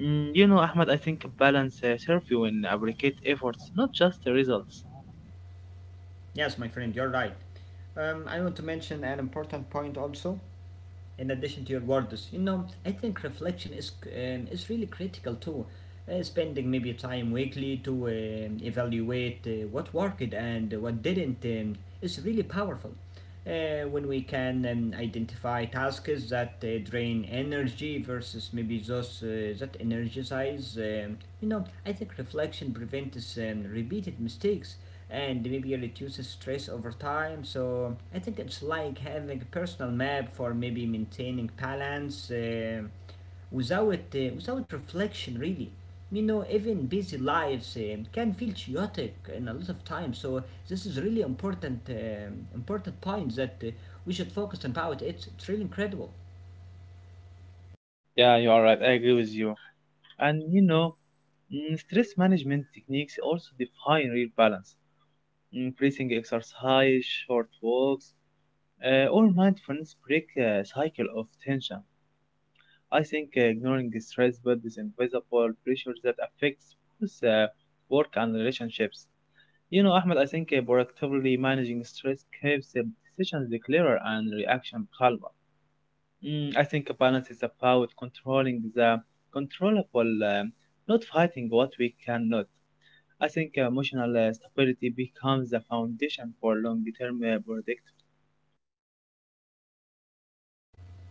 [SPEAKER 1] You know, Ahmed, I think balance serves you when appreciate efforts, not just the results.
[SPEAKER 2] Yes, my friend, you're right. I want to mention an important point also, in addition to your words. You know, I think reflection is really critical too. Spending maybe time weekly to evaluate what worked and what didn't is really powerful when we can identify tasks that drain energy versus maybe those that energize. You know, I think reflection prevents repeated mistakes and maybe reduces stress over time. So I think it's like having a personal map for maybe maintaining balance. Without reflection really, you know, even busy lives can feel chaotic in a lot of time, so this is really important important point that we should focus about. It's really incredible.
[SPEAKER 1] Yeah, you are right. I agree with you. And you know, stress management techniques also define real balance. Breathing exercise, short walks, or mindfulness break a cycle of tension. I think ignoring the stress builds invisible pressure that affects both work and relationships. You know, Ahmed, I think proactively managing stress keeps decisions clearer and reaction calmer. I think balance is about controlling the controllable, not fighting what we cannot. I think emotional stability becomes the foundation for long-term.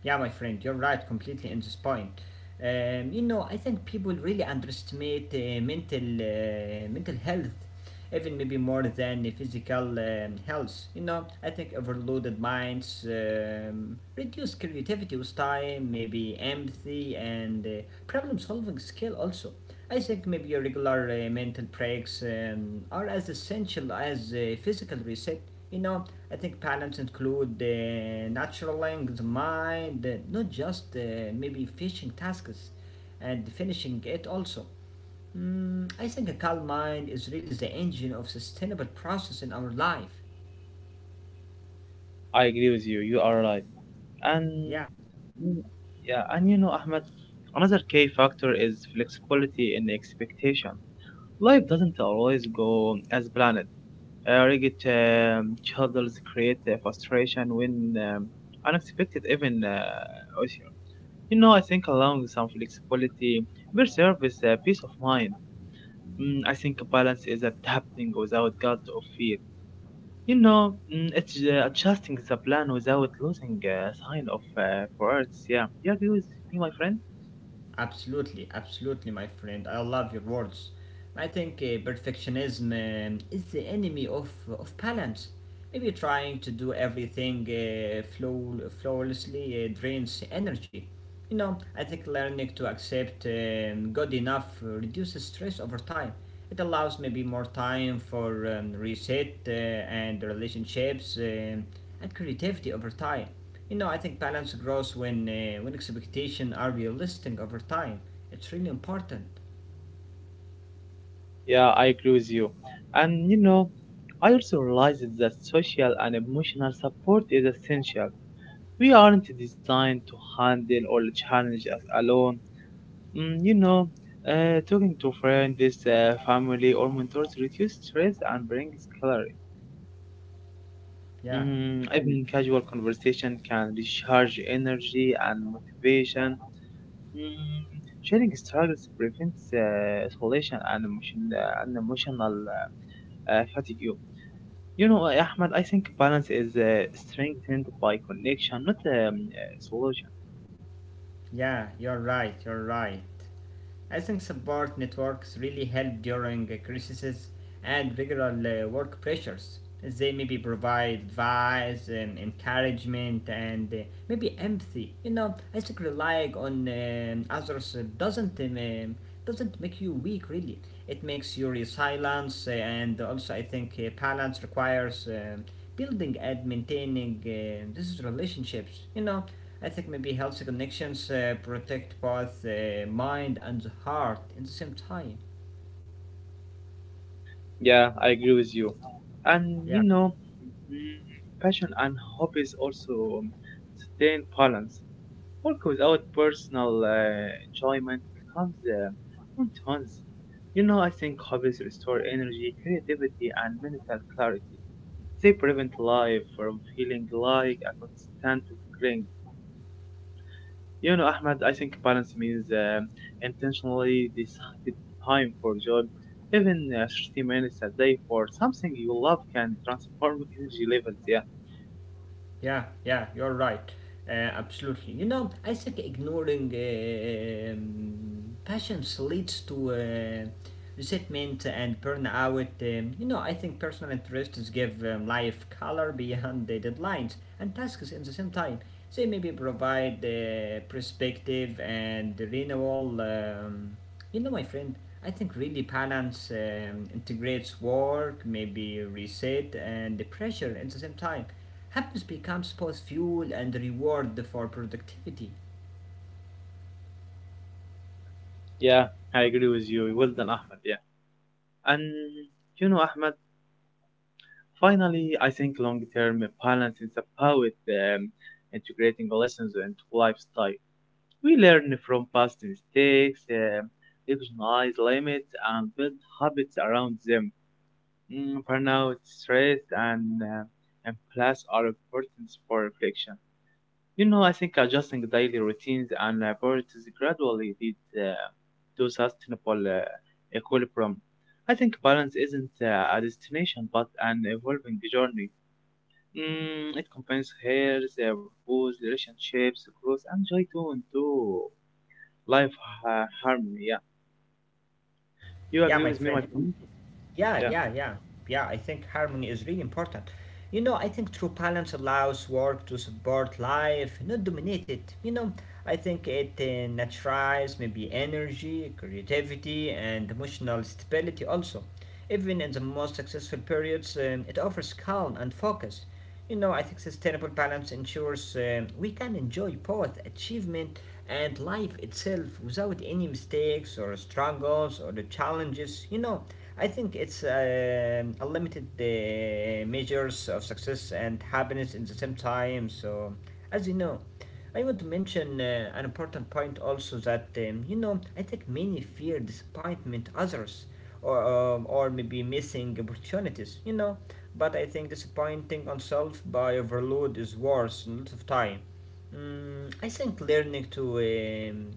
[SPEAKER 2] Yeah, my friend, you're right, completely in this point. You know, I think people really underestimate mental health, even maybe more than the physical health. You know, I think overloaded minds reduce creativity with time, maybe empathy and problem solving skill also. I think maybe your regular mental breaks are as essential as physical reset. You know, I think patterns include the natural language, mind, not just maybe finishing tasks and finishing it also. I think a calm mind is really the engine of sustainable process in our life.
[SPEAKER 1] I agree with you. You are right. And
[SPEAKER 2] Yeah.
[SPEAKER 1] mm, yeah, and you know, Ahmed, another key factor is flexibility in expectation. Life doesn't always go as planned. Rigid schedules create frustration when unexpected even occur. You know, I think allowing some flexibility will serve as a peace of mind. I think balance is adapting without guilt or fear. You know, it's adjusting the plan without losing a sign of priorities. Yeah, you agree with me, my friend?
[SPEAKER 2] Absolutely, absolutely, my friend. I love your words. I think perfectionism is the enemy of balance. Maybe trying to do everything flawlessly drains energy. You know, I think learning to accept good enough reduces stress over time. It allows maybe more time for reset and relationships and creativity over time. You know, I think balance grows when when expectations are realistic over time. It's really important.
[SPEAKER 1] Yeah, I agree with you. And you know, I also realized that social and emotional support is essential. We aren't designed to handle all the challenges alone. You know, talking to friends, family, or mentors reduce stress and brings clarity.
[SPEAKER 2] Yeah,
[SPEAKER 1] Even casual conversation can recharge energy and motivation. Sharing struggles prevents isolation and emotional fatigue. You know, Ahmed, I think balance is strengthened by connection, not solution.
[SPEAKER 2] yeah, you're right. You're right. I think support networks really help during crises and regular work pressures. They maybe provide advice, encouragement, and maybe empathy. You know, I think relying on others doesn't make you weak. Really, it makes you resilient, and also I think balance requires building and maintaining these relationships. You know, I think maybe healthy connections protect both the mind and the heart in the same time.
[SPEAKER 1] Yeah, I agree with you. And you
[SPEAKER 2] Yeah,
[SPEAKER 1] know, mm, passion and hobbies also sustain balance. Work without personal enjoyment becomes monotonous. You know, I think hobbies restore energy, creativity, and mental clarity. They prevent life from feeling like a constant grind. You know, Ahmed, I think balance means intentionally decided time for joy. Even 30 minutes a day for something you love can transform energy levels. Yeah,
[SPEAKER 2] yeah, yeah, you're right. Uh, Absolutely. You know, I think ignoring passions leads to resentment and burnout. You know, I think personal interests give life color beyond the deadlines and tasks in the same time. They maybe provide perspective and renewal. You know, my friend, I think really balance integrates work, maybe reset and the pressure at the same time. Happiness becomes both fuel and reward for productivity.
[SPEAKER 1] yeah, I agree with you. Well done, Ahmed. Yeah. And, you know, Ahmed, finally, I think long term balance is about integrating lessons into lifestyle. We learn from past mistakes, recognize limits, and build habits around them. Burnout, stress, and plus are important for reflection. You know, I think adjusting daily routines and priorities gradually leads to sustainable equilibrium. I think balance isn't a destination but an evolving journey. It combines health, purpose, relationships, growth, and joy to and life harmony. Yeah, you
[SPEAKER 2] Yeah,
[SPEAKER 1] agree
[SPEAKER 2] my
[SPEAKER 1] with me, my
[SPEAKER 2] friend.
[SPEAKER 1] friend? Mhm.
[SPEAKER 2] Yeah,
[SPEAKER 1] Yeah,
[SPEAKER 2] yeah, yeah. Yeah, I think harmony is really important. You know, I think true balance allows work to support life, not dominate it. You know, I think it naturalizes maybe energy, creativity, and emotional stability also. Even in the most successful periods, it offers calm and focus. You know, I think sustainable balance ensures we can enjoy both achievement and life itself without any mistakes or struggles or the challenges. You know, I think it's a limited measures of success and happiness in the same time. So, as you know, I want to mention an important point also, that you know, I think many fear disappointment others or or maybe missing opportunities. You know, but I think disappointing oneself by overload is worse a lot of time. I think learning to um,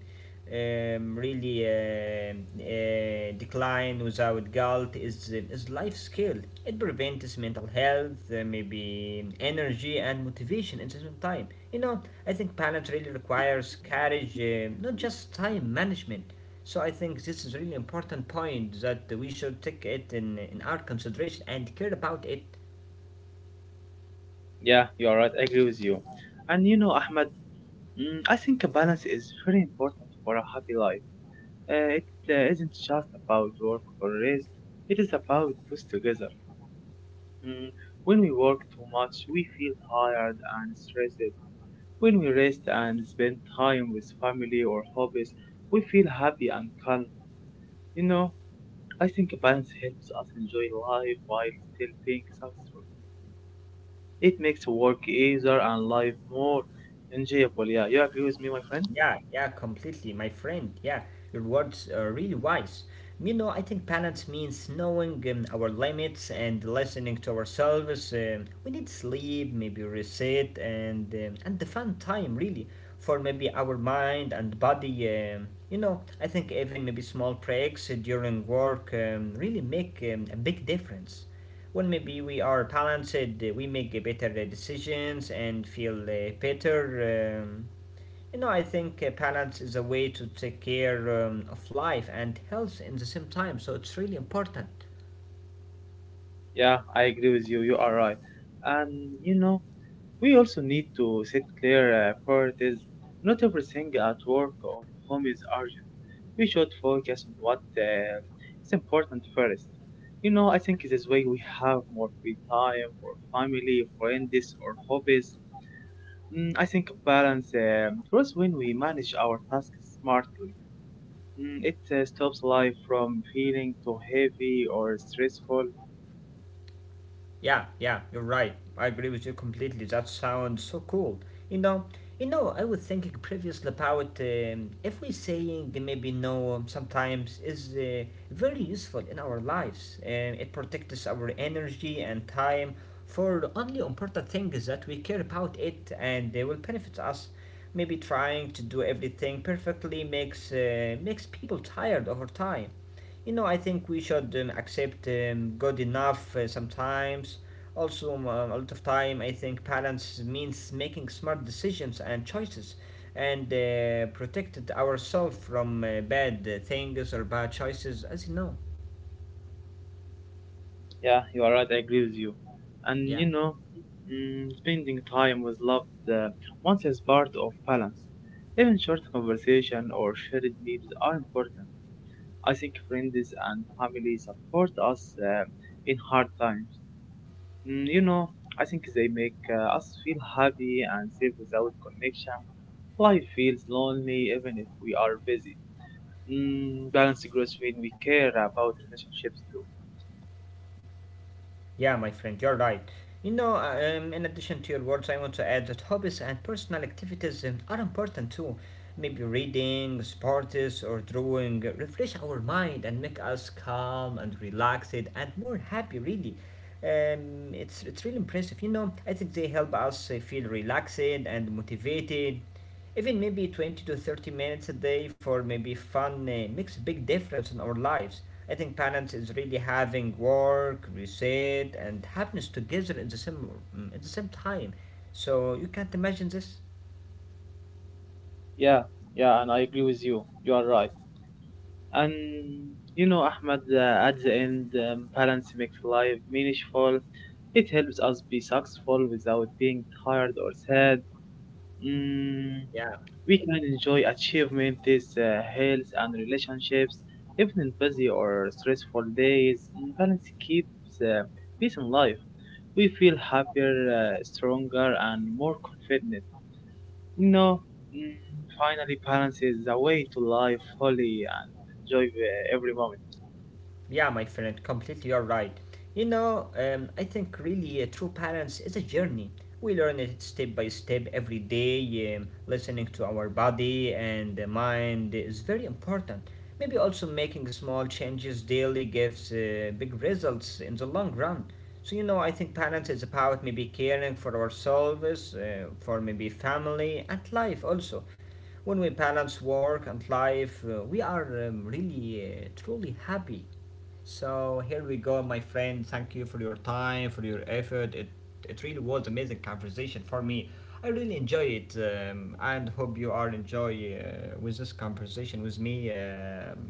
[SPEAKER 2] um, really decline without guilt is life skill. It prevents mental health, maybe energy and motivation at the same time. You know, I think balance really requires courage, not just time management. So I think this is a really important point that we should take it in our consideration and care about it.
[SPEAKER 1] yeah, you are right. I agree with you. And you know, Ahmed, I think a balance is very important for a happy life. It isn't just about work or rest. It is about both together. Mm, when we work too much, we feel tired and stressed. When we rest and spend time with family or hobbies, we feel happy and calm. You know, I think a balance helps us enjoy life while still being successful. It makes work easier and life more enjoyable. Yeah, you agree with me, my friend?
[SPEAKER 2] Yeah, yeah, completely, my friend. Yeah, your words are really wise. You know, I think balance means knowing our limits and listening to ourselves. We need sleep, maybe reset, and the fun time really for maybe our mind and body. You know, I think even maybe small breaks during work really make a big difference. When maybe we are balanced, we make better decisions and feel better. Um, you know, I think balance is a way to take care of life and health in the same time, so it's really important.
[SPEAKER 1] Yeah, I agree with you. You are right. And you know, we also need to set clear priorities. Not everything at work or home is urgent. We should focus on what is important first. You know, I think this way we have more free time for family, friends, or hobbies. I think balance grows when we manage our tasks smartly. It stops life from feeling too heavy or stressful.
[SPEAKER 2] Yeah, yeah, you're right. I agree with you completely. That sounds so cool. You know, you know, I was thinking previously about if we saying maybe no sometimes is very useful in our lives. It protects our energy and time for only important things that we care about it, and they will benefit us. Maybe trying to do everything perfectly makes people tired over time. You know, I think we should accept good enough sometimes. Also, a lot of time, I think balance means making smart decisions and choices and protected ourselves from bad things or bad choices, as you know.
[SPEAKER 1] Yeah, you are right. I agree with you. And you
[SPEAKER 2] Yeah.
[SPEAKER 1] know, spending time with loved ones is part of balance. Even short conversation or shared meals are important. I think friends and family support us in hard times. You know, I think they make us feel happy and safe without connection. Life feels lonely even if we are busy. Balance grows when we care about relationships too.
[SPEAKER 2] Yeah, my friend, you're right. You know, in addition to your words, I want to add that hobbies and personal activities are important too. Maybe reading, sports, or drawing refresh our mind and make us calm and relaxed and more happy, really. It's really impressive. You know, I think they help us feel relaxed and motivated. Even maybe 20 to 30 minutes a day for maybe fun makes a big difference in our lives. I think balance is really having work, reset, and happiness together in the same at the same time. So you can't imagine this.
[SPEAKER 1] Yeah, yeah, and I agree with you. You are right. And you know, Ahmed, at the end, balance makes life meaningful. It helps us be successful without being tired or sad. Mm,
[SPEAKER 2] Yeah.
[SPEAKER 1] we can enjoy achievements, health, and relationships, even in busy or stressful days. Balance keeps uh, peace in life. We feel happier, stronger, and more confident. No, mm, finally, balance is the way to live fully and enjoy every moment.
[SPEAKER 2] Yeah, my friend, completely you're right. You know, I think really true balance is a journey. We learn it step by step every day. Listening to our body and the mind is very important. Maybe also making small changes daily gives big results in the long run. So, you know, I think balance is about maybe caring for ourselves, for maybe family and life also. When we balance work and life, we are really truly happy. So here we go, my friend. Thank you for your time, for your effort. It really was amazing conversation for me. I really enjoy it, and hope you are enjoy with this conversation with me.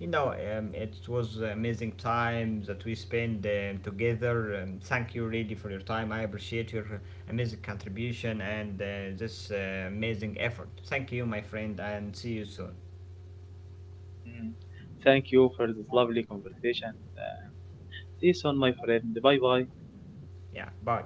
[SPEAKER 2] You know, it was amazing time that we spent together. Thank you really for your time. I appreciate your amazing contribution and this amazing effort. Thank you, my friend, and see you soon.
[SPEAKER 1] Mm, Thank you for this lovely conversation. Uh, See you soon, my friend. Bye bye.
[SPEAKER 2] Yeah, bye.